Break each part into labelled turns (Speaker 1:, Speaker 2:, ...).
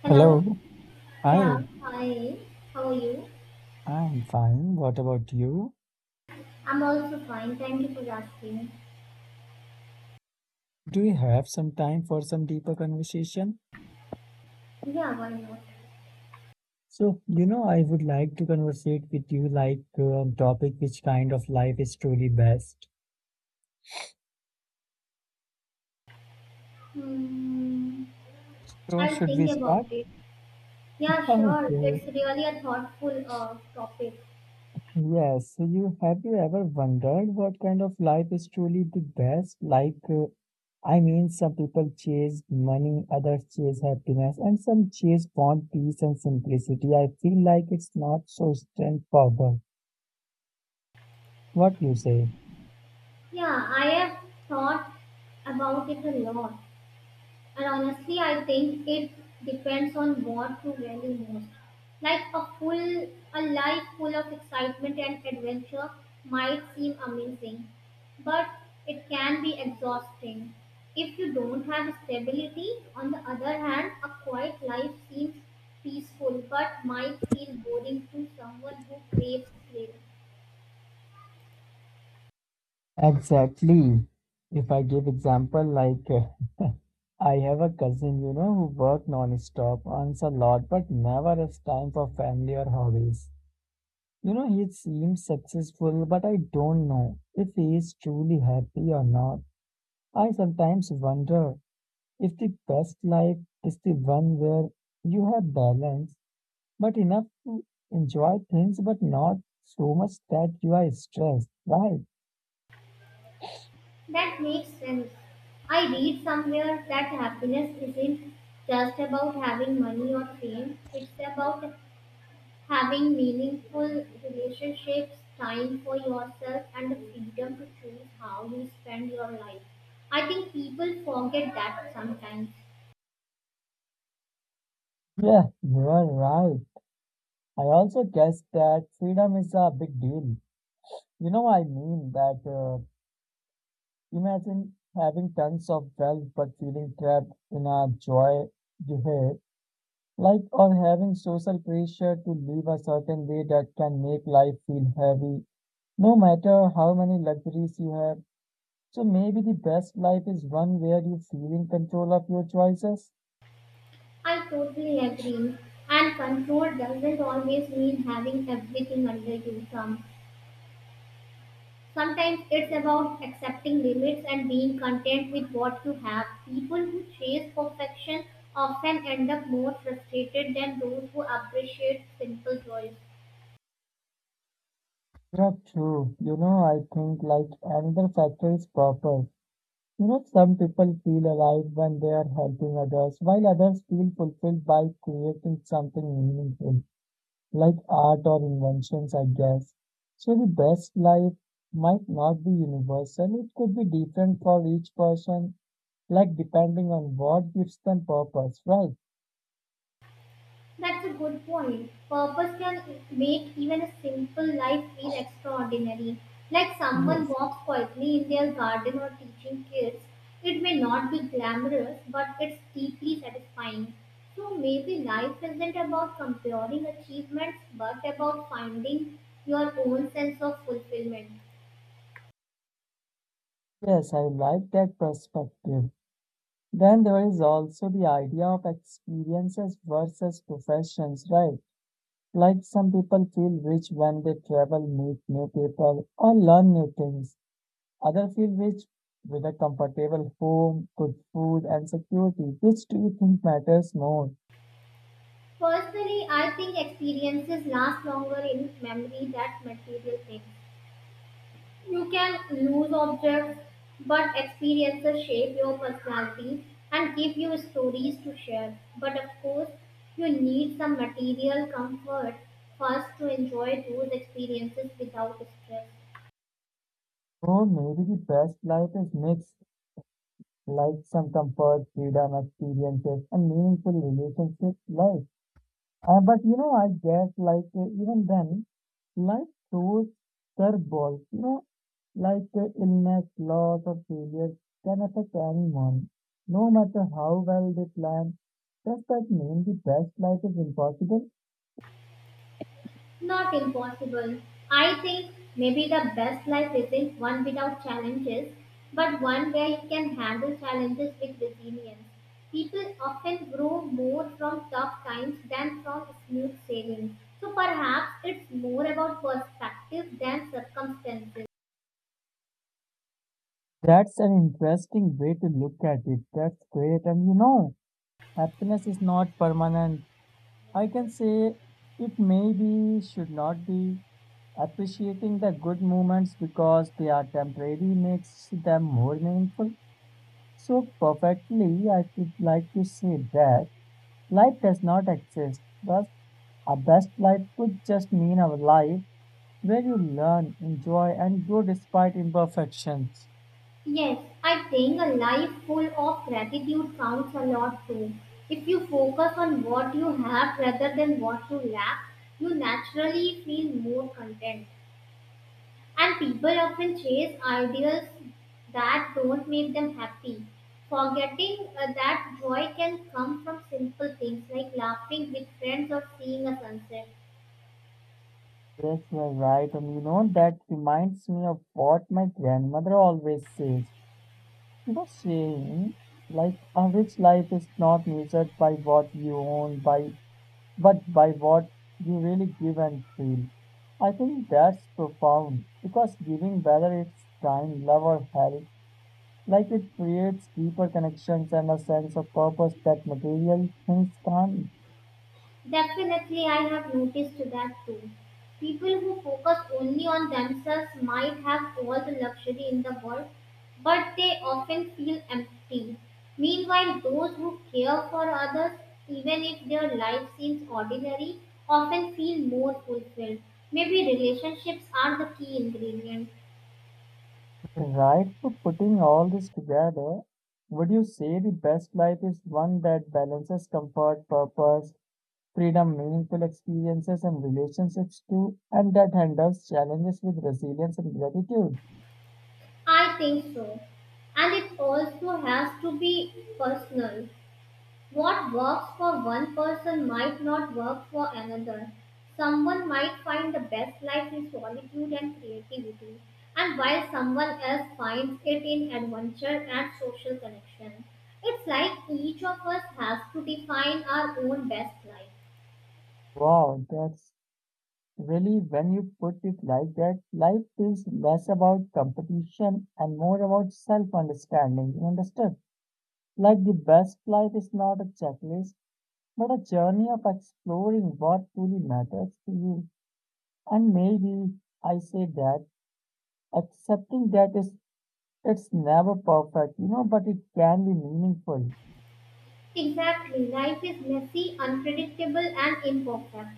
Speaker 1: Hello.
Speaker 2: Hello.
Speaker 1: Yeah,
Speaker 2: Hi,
Speaker 1: hi. How are you?
Speaker 2: I'm fine. What about you?
Speaker 1: I'm also fine. Thank you for asking.
Speaker 2: Do you have some time for some deeper conversation?
Speaker 1: Yeah, why not?
Speaker 2: So, you know, I would like to conversate with you like on topic which kind of life is truly best.
Speaker 1: Hmm.
Speaker 2: So,
Speaker 1: I'll
Speaker 2: should we
Speaker 1: think
Speaker 2: start?
Speaker 1: about it. Yeah, sure.
Speaker 2: Okay.
Speaker 1: It's really a thoughtful topic.
Speaker 2: Yes. So, you have you ever wondered what kind of life is truly the best? Like, I mean, some people chase money, others chase happiness, and some chase want peace and simplicity. I feel like it's not so straightforward. What you say?
Speaker 1: Yeah, I have thought about it a lot. And honestly, I think it depends on what you value most. Like a full, a life full of excitement and adventure might seem amazing, but it can be exhausting. If you don't have stability, on the other hand, a quiet life seems peaceful but might feel boring to someone who craves thrill.
Speaker 2: Exactly. If I give example like I have a cousin, you know, who work non-stop, earns a lot, but never has time for family or hobbies. You know, he seems successful, but I don't know if he is truly happy or not. I sometimes wonder if the best life is the one where you have balance, but enough to enjoy things, but not so much that you are stressed, right?
Speaker 1: That makes sense. I read somewhere that happiness isn't just about having money or fame, it's about having meaningful relationships, time for yourself, and the freedom to choose how you spend your life. I think people forget that sometimes.
Speaker 2: Yeah, you are right. I also guess that freedom is a big deal. You know, I mean that imagine having tons of wealth but feeling trapped in a joy you hate, like or having social pressure to live a certain way that can make life feel heavy, no matter how many luxuries you have. So maybe the best life is one where you feel in control of your choices.
Speaker 1: I totally agree. And control doesn't always mean having everything under your thumb. Sometimes it's about accepting limits and being content with what you have. People who chase perfection often end up more frustrated than those who appreciate simple joys.
Speaker 2: Yeah, true. You know, I think like another factor is purpose. You know, some people feel alive when they are helping others, while others feel fulfilled by creating something meaningful, like art or inventions, I guess. So the best life might not be universal. It could be different for each person, like depending on what gives them purpose, right?
Speaker 1: That's a good point. Purpose can make even a simple life feel extraordinary. Like someone
Speaker 2: Yes.
Speaker 1: walks quietly in their garden or teaching kids. It may not be glamorous, but it's deeply satisfying. So maybe life isn't about comparing achievements, but about finding your own sense of fulfillment.
Speaker 2: Yes, I like that perspective. Then there is also the idea of experiences versus professions, right? Like some people feel rich when they travel, meet new people, or learn new things. Others feel rich with a comfortable home, good food, and security. Which do you think matters more?
Speaker 1: Personally, I think experiences last longer in memory than material things. You can lose objects, but experiences shape your personality and give you stories to share. But of course, you need some material comfort first to enjoy those experiences without stress.
Speaker 2: Or maybe the best life is mixed, like some comfort, freedom, experiences, and meaningful relationships. Life. But you know, I guess like even then, life throws curveballs. You know, like illness, loss, or failure can affect anyone, no matter how well they plan. Does that mean the best life is impossible?
Speaker 1: Not impossible. I think maybe the best life isn't one without challenges, but one where you can handle challenges with resilience. People often grow more from tough times than from smooth sailing. So perhaps it's more about perspective than circumstances.
Speaker 2: That's an interesting way to look at it. That's great. And you know, happiness is not permanent. I can say it maybe should not be. Appreciating the good moments because they are temporary makes them more meaningful. So perfectly, I would like to say that life does not exist. Thus, a best life could just mean a life where you learn, enjoy, and grow despite imperfections.
Speaker 1: Yes, I think a life full of gratitude counts a lot too. If you focus on what you have rather than what you lack, you naturally feel more content. And people often chase ideals that don't make them happy, forgetting that joy can come from simple things like laughing with friends or seeing a sunset.
Speaker 2: Yes, you're right. And you know, that reminds me of what my grandmother always says. You know, saying, like, a rich life is not measured by what you own, by but by what you really give and feel. I think that's profound because giving, whether it's time, love, or help, like it creates deeper connections and a sense of purpose that material things can't.
Speaker 1: Definitely, I have noticed that too. People who focus only on themselves might have all the luxury in the world, but they often feel empty. Meanwhile, those who care for others, even if their life seems ordinary, often feel more fulfilled. Maybe relationships are the key ingredient.
Speaker 2: Right? So, putting all this together, would you say the best life is one that balances comfort, purpose, freedom, meaningful experiences, and relationships too, and that handles challenges with resilience and gratitude?
Speaker 1: I think so. And it also has to be personal. What works for one person might not work for another. Someone might find the best life in solitude and creativity, and while someone else finds it in adventure and social connection. It's like each of us has to define our own best life.
Speaker 2: Wow, that's really, when you put it like that, life feels less about competition and more about self understanding. You understood? Like the best life is not a checklist, but a journey of exploring what truly matters to you. And maybe I say that accepting that is it's never perfect, you know, but it can be meaningful.
Speaker 1: Exactly. Life is messy, unpredictable, and imperfect.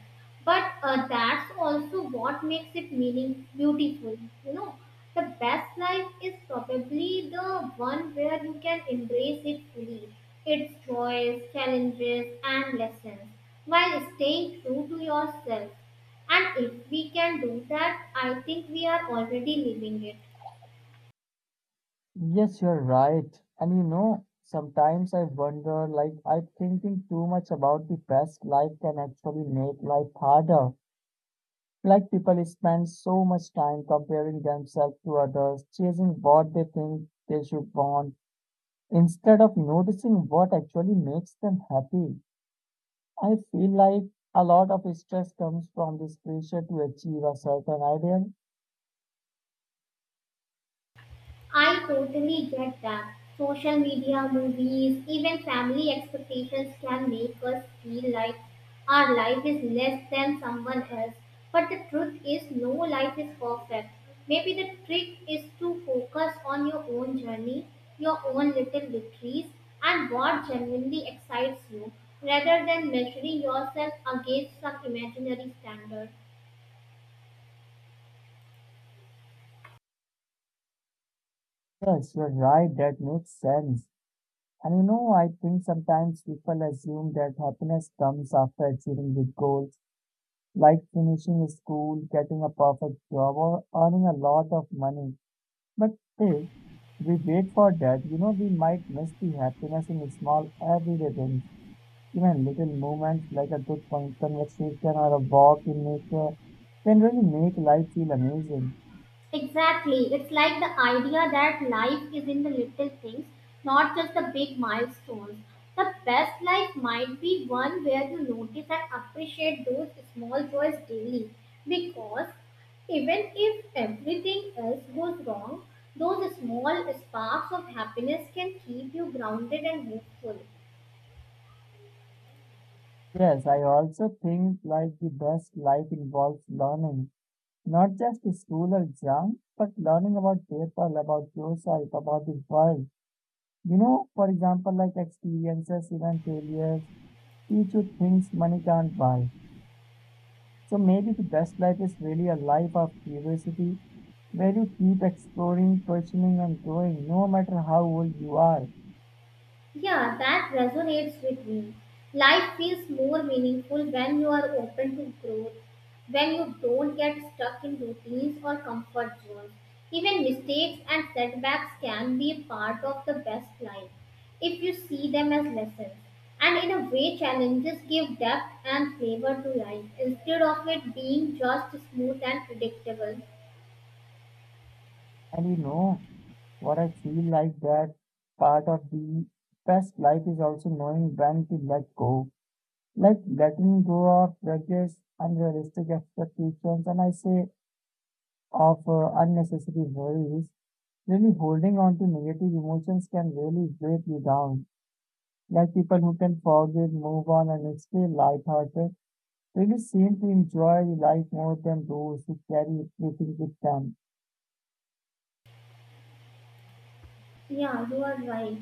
Speaker 1: But that's also what makes it meaning beautiful. You know the best life is probably the one where you can embrace it fully. Its joys, challenges, and lessons while staying true to yourself. And if we can do that, I think we are already living it.
Speaker 2: Yes, you're right. And you know, sometimes I wonder, like, I thinking too much about the best life can actually make life harder. Like, people spend so much time comparing themselves to others, chasing what they think they should want, instead of noticing what actually makes them happy. I feel like a lot of stress comes from this pressure to achieve a certain ideal.
Speaker 1: I totally get that. Social media, movies, even family expectations can make us feel like our life is less than someone else. But the truth is, no life is perfect. Maybe the trick is to focus on your own journey, your own little victories, and what genuinely excites you, rather than measuring yourself against some imaginary standard.
Speaker 2: Yes, you're right. That makes sense. And you know, I think sometimes people assume that happiness comes after achieving big goals, like finishing school, getting a perfect job, or earning a lot of money. But if we wait for that, you know, we might miss the happiness in small everyday things, even little moments like a good conversation or a walk in nature can really make life feel amazing.
Speaker 1: Exactly. It's like the idea that life is in the little things, not just the big milestones. The best life might be one where you notice and appreciate those small joys daily. Because even if everything else goes wrong, those small sparks of happiness can keep you grounded and hopeful.
Speaker 2: Yes, I also think like the best life involves learning. Not just school or exam, but learning about people, about yourself, about the world. You know, for example, like experiences, even failures, teach you things money can't buy. So maybe the best life is really a life of curiosity where you keep exploring, questioning, and growing no matter how old you are.
Speaker 1: Yeah, that resonates with me. Life feels more meaningful when you are open to growth, when you don't get stuck in routines or comfort zones. Even mistakes and setbacks can be a part of the best life if you see them as lessons. And in a way, challenges give depth and flavor to life instead of it being just smooth and predictable.
Speaker 2: And you know what I feel like that part of the best life is also knowing when to let go, like letting go of regrets, unrealistic expectations, and I say of unnecessary worries. Really holding on to negative emotions can really break you down. Like people who can forgive, move on, and stay lighthearted really seem to enjoy life more than those who carry everything with them.
Speaker 1: Yeah, you are right.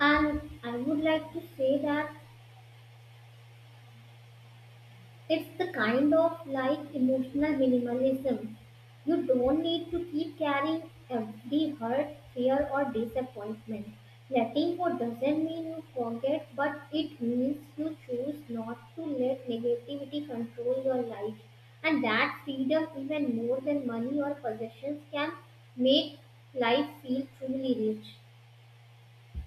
Speaker 1: And I would like to say that it's the kind of like emotional minimalism. You don't need to keep carrying every hurt, fear, or disappointment. Letting go doesn't mean you forget, but it means you choose not to let negativity control your life. And that freedom, even more than money or possessions, can make life feel truly rich.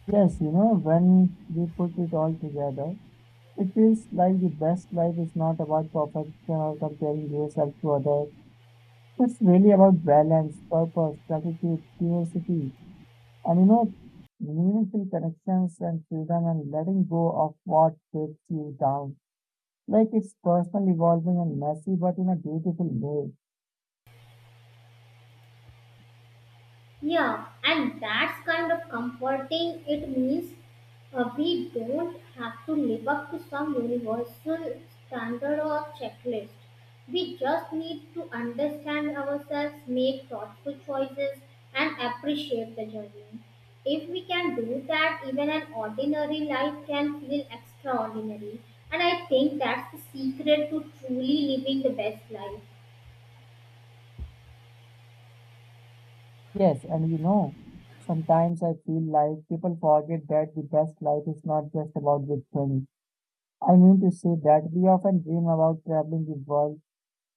Speaker 2: Yes, you know, when we put it all together, it feels like the best life is not about perfection or comparing yourself to others. It's really about balance, purpose, gratitude, curiosity, and you know, meaningful connections and freedom and letting go of what takes you down. Like it's personal, evolving, and messy, but in a beautiful way.
Speaker 1: Yeah, and that's kind of comforting. It means we don't have to live up to some universal standard or checklist. We just need to understand ourselves, make thoughtful choices, and appreciate the journey. If we can do that, even an ordinary life can feel extraordinary. And I think that's the secret to truly living the best life.
Speaker 2: Yes, and you know, sometimes I feel like people forget that the best life is not just about good things. I mean to say that we often dream about traveling the world,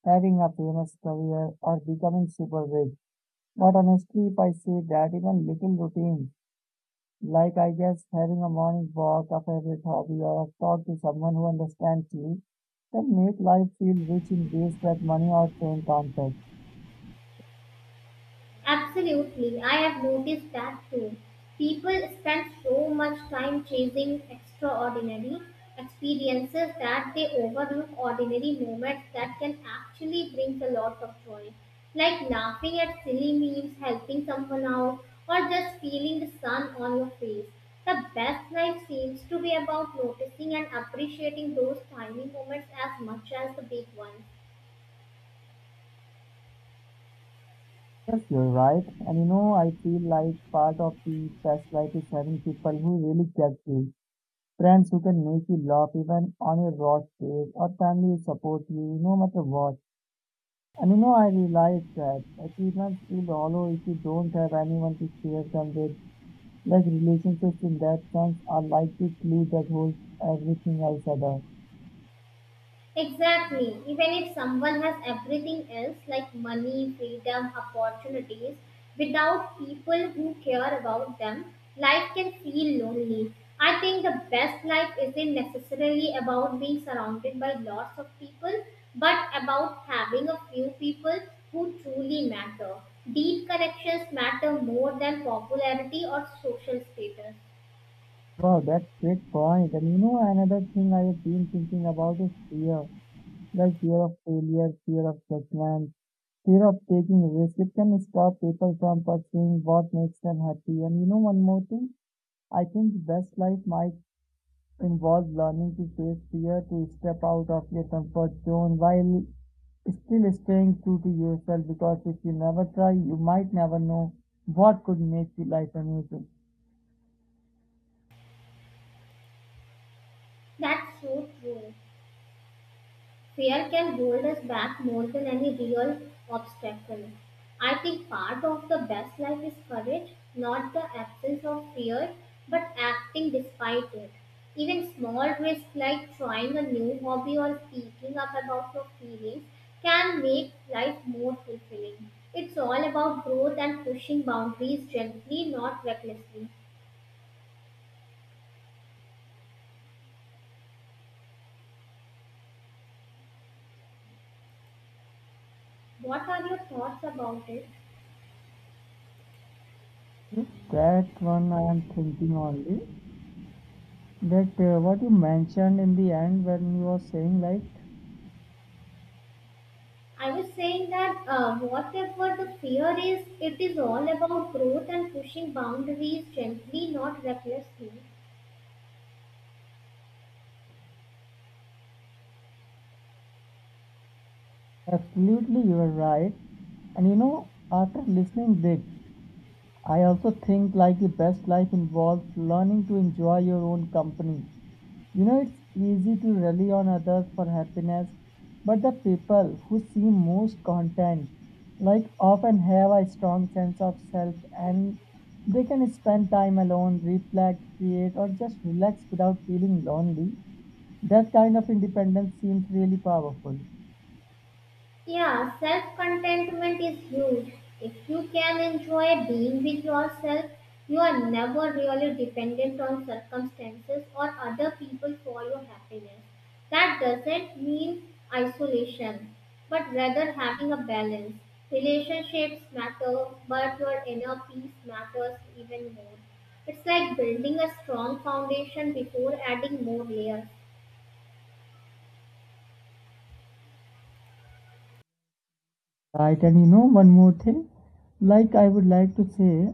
Speaker 2: having a famous career, or becoming super rich. But honestly, if I say that even little routine, like, I guess, having a morning walk, a favorite hobby, or a talk to someone who understands you can make life feel rich in ways that money or time can't buy.
Speaker 1: Absolutely, I have noticed that too. People spend so much time chasing extraordinary experiences that they overlook ordinary moments that can actually bring a lot of joy, like laughing at silly memes, helping someone out, or just feeling the sun on your face. The best life seems to be about noticing and appreciating those tiny moments as much as the big ones.
Speaker 2: Yes, you're right. And you know, I feel like part of the best life is having people who really get you. Friends who can make you laugh even on your worst days, or family who support you no matter what. And you know, I realized that achievements feel hollow if you don't have anyone to share them with. Like relationships in that sense are like the glue that holds everything else other.
Speaker 1: Exactly. Even if someone has everything else like money, freedom, opportunities, without people who care about them, life can feel lonely. I think the best life isn't necessarily about being surrounded by lots of people, but about having a few people who truly matter. Deep connections matter more than popularity or social status.
Speaker 2: Wow, that's great point. And you know, another thing I've been thinking about is fear. Like fear of failure, fear of judgment, fear of taking risk. It can stop people from pursuing what makes them happy. And you know one more thing? I think the best life might involves learning to face fear, to step out of your comfort zone while still staying true to yourself. Because if you never try, you might never know what could make your life amazing.
Speaker 1: That's so true. Fear can hold us back more than any real obstacle. I think part of the best life is courage, not the absence of fear, but acting despite it. Even small risks like trying a new hobby or speaking up about your feelings can make life more fulfilling. It's all about growth and pushing boundaries gently, not recklessly. What are your thoughts about it?
Speaker 2: Yes, that one I am thinking only. That what you mentioned in the end when you were saying like,
Speaker 1: I was saying that whatever the fear is, it is all about growth and pushing boundaries gently, not recklessly.
Speaker 2: absolutely you are right. And you know, after listening this, I also think like the best life involves learning to enjoy your own company. You know, it's easy to rely on others for happiness, but the people who seem most content, like often have a strong sense of self and they can spend time alone, reflect, create, or just relax without feeling lonely. That kind of independence seems really powerful.
Speaker 1: Yeah, self contentment is huge. If you can enjoy being with yourself, you are never really dependent on circumstances or other people for your happiness. That doesn't mean isolation, but rather having a balance. Relationships matter, but your inner peace matters even more. It's like building a strong foundation before adding more layers.
Speaker 2: Right, and you know, one more thing, like I would like to say,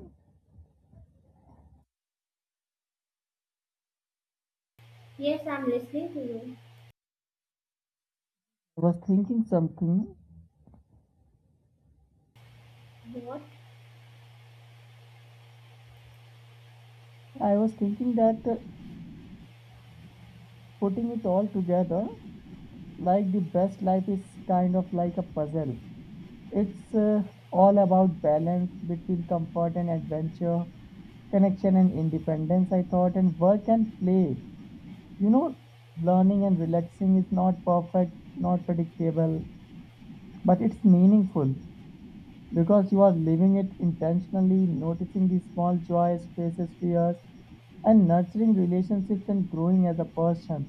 Speaker 1: Yes, I'm listening to you.
Speaker 2: I was thinking something.
Speaker 1: What?
Speaker 2: I was thinking that putting it all together, like the best life is kind of like a puzzle. It's all about balance between comfort and adventure, connection and independence, I thought, and work and play. You know, learning and relaxing is not perfect, not predictable, but it's meaningful because you are living it intentionally, noticing the small joys, faces, fears, and nurturing relationships and growing as a person.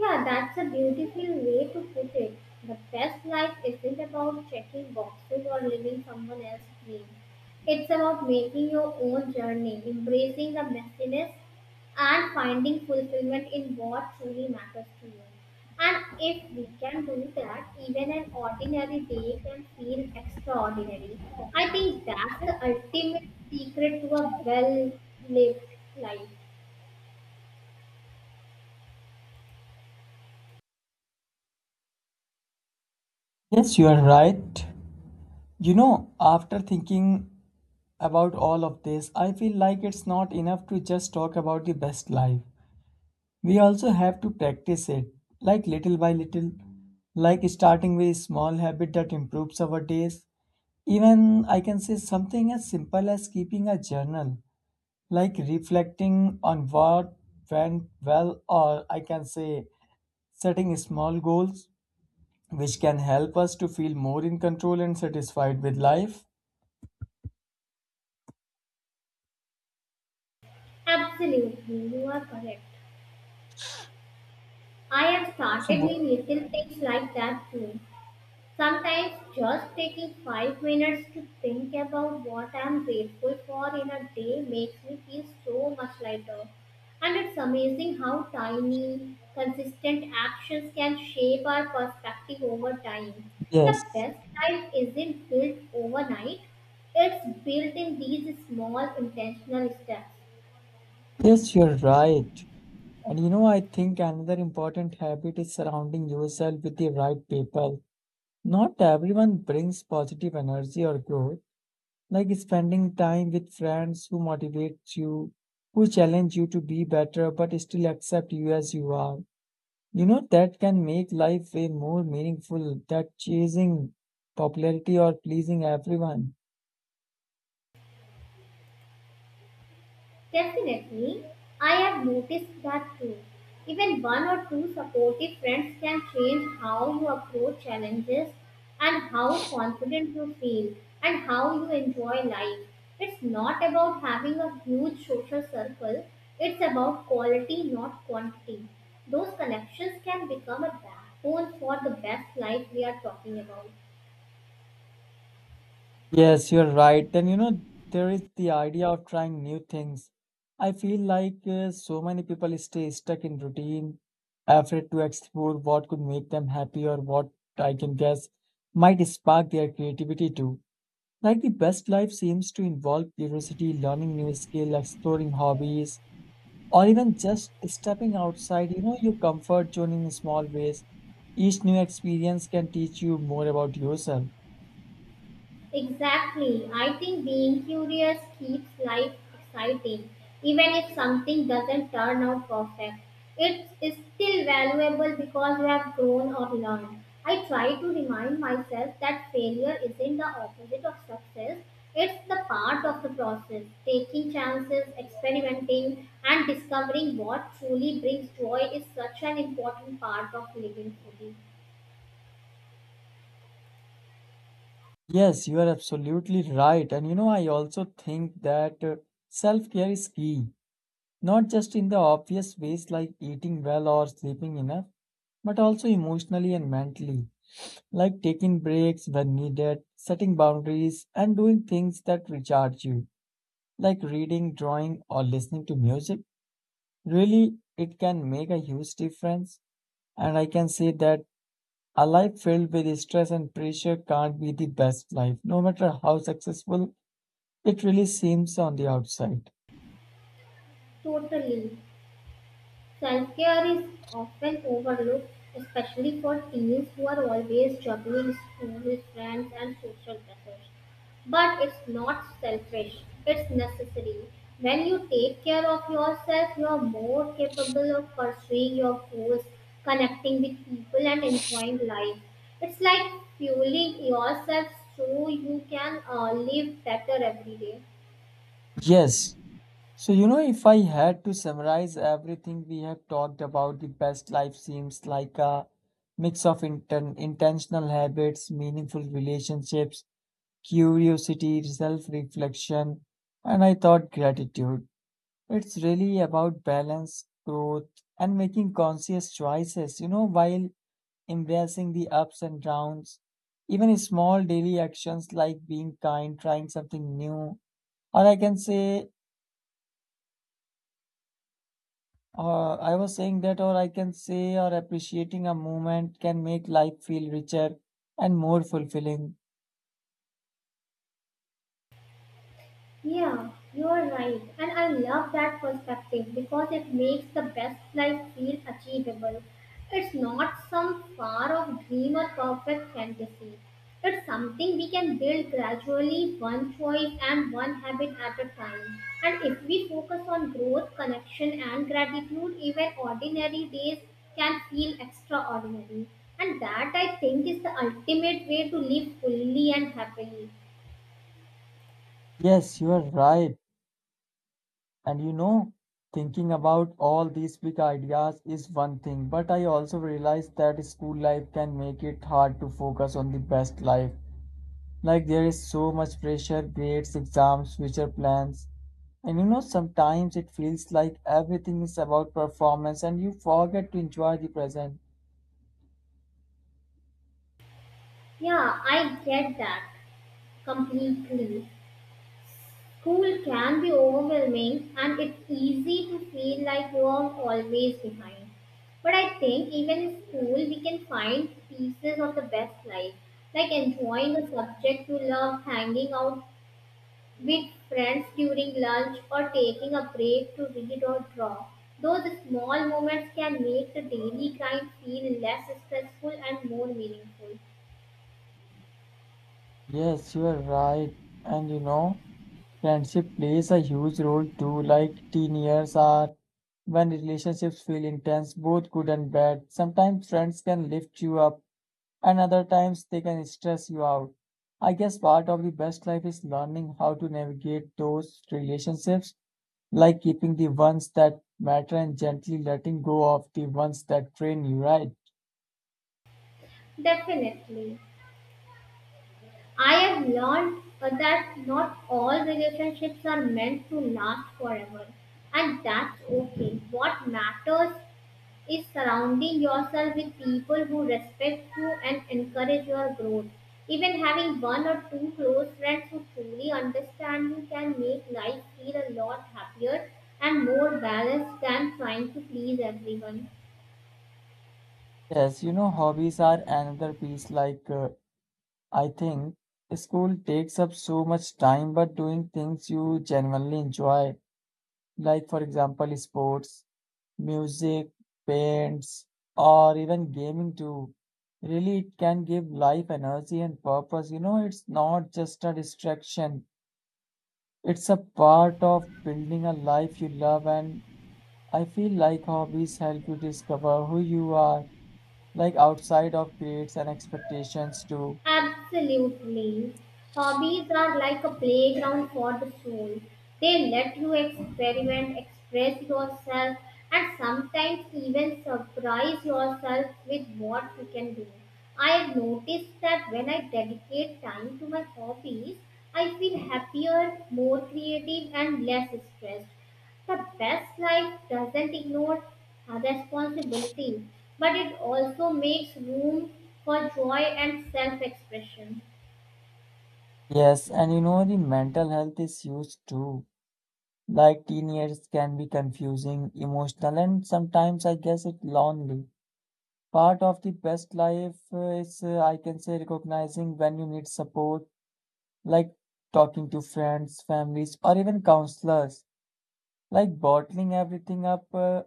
Speaker 1: Yeah, that's a beautiful way to put it. The best life isn't about checking boxes or living someone else's dream. It's about making your own journey, embracing the messiness, and finding fulfillment in what truly matters to you. And if we can do that, even an ordinary day can feel extraordinary. I think that's the ultimate secret to a well lived life.
Speaker 2: Yes, you are right. You know, after thinking about all of this, I feel like it's not enough to just talk about the best life. We also have to practice it, like little by little, like starting with a small habit that improves our days. Even I can say something as simple as keeping a journal, like reflecting on what went well, or I can say setting small goals, which can help us to feel more in control and satisfied with life.
Speaker 1: Absolutely, you are correct. I have
Speaker 2: So,
Speaker 1: started doing little things like that too. Sometimes just taking 5 minutes to think about what I'm grateful for in a day makes me feel so much lighter. And it's amazing how tiny, consistent actions can shape our perspective over time. The
Speaker 2: yes,
Speaker 1: best life isn't built overnight, it's built in these small intentional steps.
Speaker 2: yes, you're right. And you know, I think another important habit is surrounding yourself with the right people. Not everyone brings positive energy or growth, like spending time with friends who motivate you, who challenge you to be better, but still accept you as you are. You know, that can make life way more meaningful than chasing popularity or pleasing everyone.
Speaker 1: Definitely, I have noticed that too. Even one or two supportive friends can change how you approach challenges and how confident you feel and how you enjoy life. It's not about having a huge social circle, it's about quality, not quantity. Those connections can become a backbone for the best life we are talking about.
Speaker 2: Yes, you're right. And you know, there is the idea of trying new things. I feel like so many people stay stuck in routine, afraid to explore what could make them happy or what I can guess might spark their creativity too. Like the best life seems to involve curiosity, learning new skill, exploring hobbies, or even just stepping outside, you know, your comfort zone in small ways. Each new experience can teach you more about yourself.
Speaker 1: Exactly. I think being curious keeps life exciting. Even if something doesn't turn out perfect, it is still valuable because you have grown or learned. I try to remind myself that failure isn't the opposite of success, it's the part of the process. Taking chances, experimenting, and discovering what truly brings joy is such an important part of living fully.
Speaker 2: Yes, you are absolutely right. And you know, I also think that self-care is key, not just in the obvious ways like eating well or sleeping enough, but also emotionally and mentally, like taking breaks when needed, setting boundaries, and doing things that recharge you, like reading, drawing, or listening to music. Really, it can make a huge difference. And I can say that a life filled with stress and pressure can't be the best life, no matter how successful it really seems on the outside.
Speaker 1: Totally. Self care is often overlooked, especially for teens who are always juggling school, friends, and social pressures. But it's not selfish, it's necessary. When you take care of yourself, you're more capable of pursuing your goals, connecting with people, and enjoying life. It's like fueling yourself so you can live better every day.
Speaker 2: Yes. So, you know, if I had to summarize everything we have talked about, the best life seems like a mix of intentional habits, meaningful relationships, curiosity, self reflection, and I thought gratitude. It's really about balance, growth, and making conscious choices, you know, while embracing the ups and downs. Even small daily actions like being kind, trying something new, Or I can say, or I was saying that, or I can say, or appreciating a moment can make life feel richer and more fulfilling.
Speaker 1: Yeah, you are right. And I love that perspective because it makes the best life feel achievable. It's not some far off dream or perfect fantasy. It's something we can build gradually, one choice and one habit at a time. And if we focus on growth, connection, and gratitude, even ordinary days can feel extraordinary. And that I think is the ultimate way to live fully and happily.
Speaker 2: Yes, you are right. And you know, thinking about all these big ideas is one thing, but I also realize that school life can make it hard to focus on the best life. Like there is so much pressure, grades, exams, future plans. And you know, sometimes it feels like everything is about performance and you forget to enjoy the present.
Speaker 1: Yeah, I get that. Completely. School can be overwhelming and it's easy to feel like you are always behind. But I think even in school, we can find pieces of the best life, like enjoying a subject you love, hanging out with friends during lunch, or taking a break to read or draw. Those small moments can make the daily grind feel less stressful and more meaningful.
Speaker 2: Yes, you are right. And you know, friendship plays a huge role too. Like teen years are when relationships feel intense, both good and bad. Sometimes friends can lift you up, and other times they can stress you out. I guess part of the best life is learning how to navigate those relationships, like keeping the ones that matter and gently letting go of the ones that drain you, right?
Speaker 1: Definitely. I have learned that not all relationships are meant to last forever, and that's okay. What matters is surrounding yourself with people who respect you and encourage your growth. Even having one or two close friends who truly understand you can make life feel a lot happier and more balanced than trying to please everyone.
Speaker 2: Yes, you know, hobbies are another piece like I think school takes up so much time, but doing things you genuinely enjoy, like for example, sports, music, paints, or even gaming too, really it can give life energy and purpose. You know, it's not just a distraction, it's a part of building a life you love. And I feel like hobbies help you discover who you are, like outside of grades and expectations too.
Speaker 1: Absolutely. Hobbies are like a playground for the soul. They let you experiment, express yourself, and sometimes even surprise yourself with what you can do. I have noticed that when I dedicate time to my hobbies, I feel happier, more creative, and less stressed. The best life doesn't ignore responsibility, but it also makes room for joy and self expression.
Speaker 2: Yes, and you know the mental health is huge too. Like teenagers can be confusing, emotional, and sometimes I guess it lonely. Part of the best life is I can say recognizing when you need support, like talking to friends, families, or even counselors. Like bottling everything up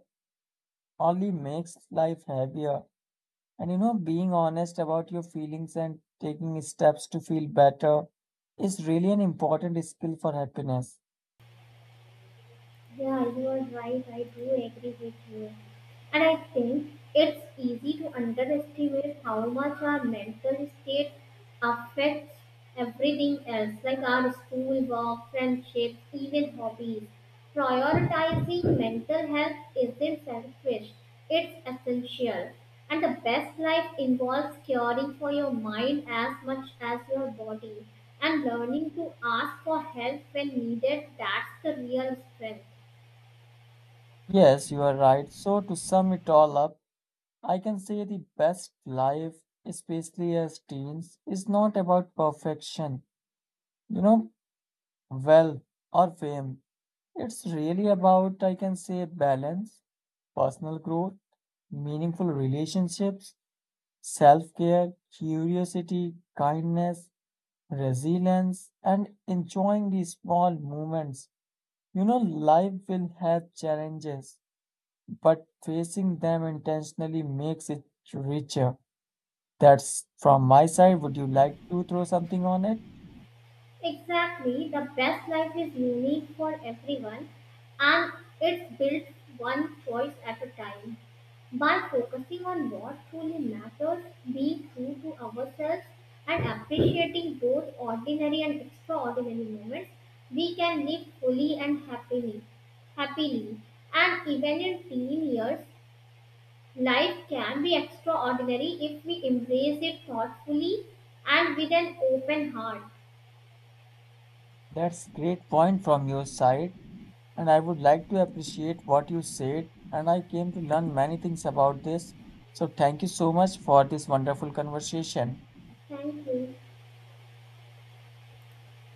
Speaker 2: only makes life heavier. And you know, being honest about your feelings and taking steps to feel better is really an important skill for happiness.
Speaker 1: Yeah, you are right. I do agree with you. And I think it's easy to underestimate how much our mental state affects everything else, like our school, work, friendships, even hobbies. Prioritizing mental health isn't selfish, it's essential. And the best life involves caring for your mind as much as your body and learning to ask for help when needed. That's the real strength.
Speaker 2: Yes, you are right. So, to sum it all up, I can say the best life, especially as teens, is not about perfection, you know, wealth or fame. It's really about, I can say, balance, personal growth, meaningful relationships, self care, curiosity, kindness, resilience, and enjoying the small moments. You know, life will have challenges but facing them intentionally makes it richer. That's from my side. Would you like to throw something on it?
Speaker 1: Exactly, the best life is unique for everyone and it's built one choice at a time. By focusing on what truly matters, being true to ourselves, and appreciating both ordinary and extraordinary moments, we can live fully and happily. Happily, and even in teen years, life can be extraordinary if we embrace it thoughtfully and with an open heart.
Speaker 2: That's great point from your side, and I would like to appreciate what you said, and I came to learn many things about this. So thank you so much for this wonderful conversation.
Speaker 1: Thank you.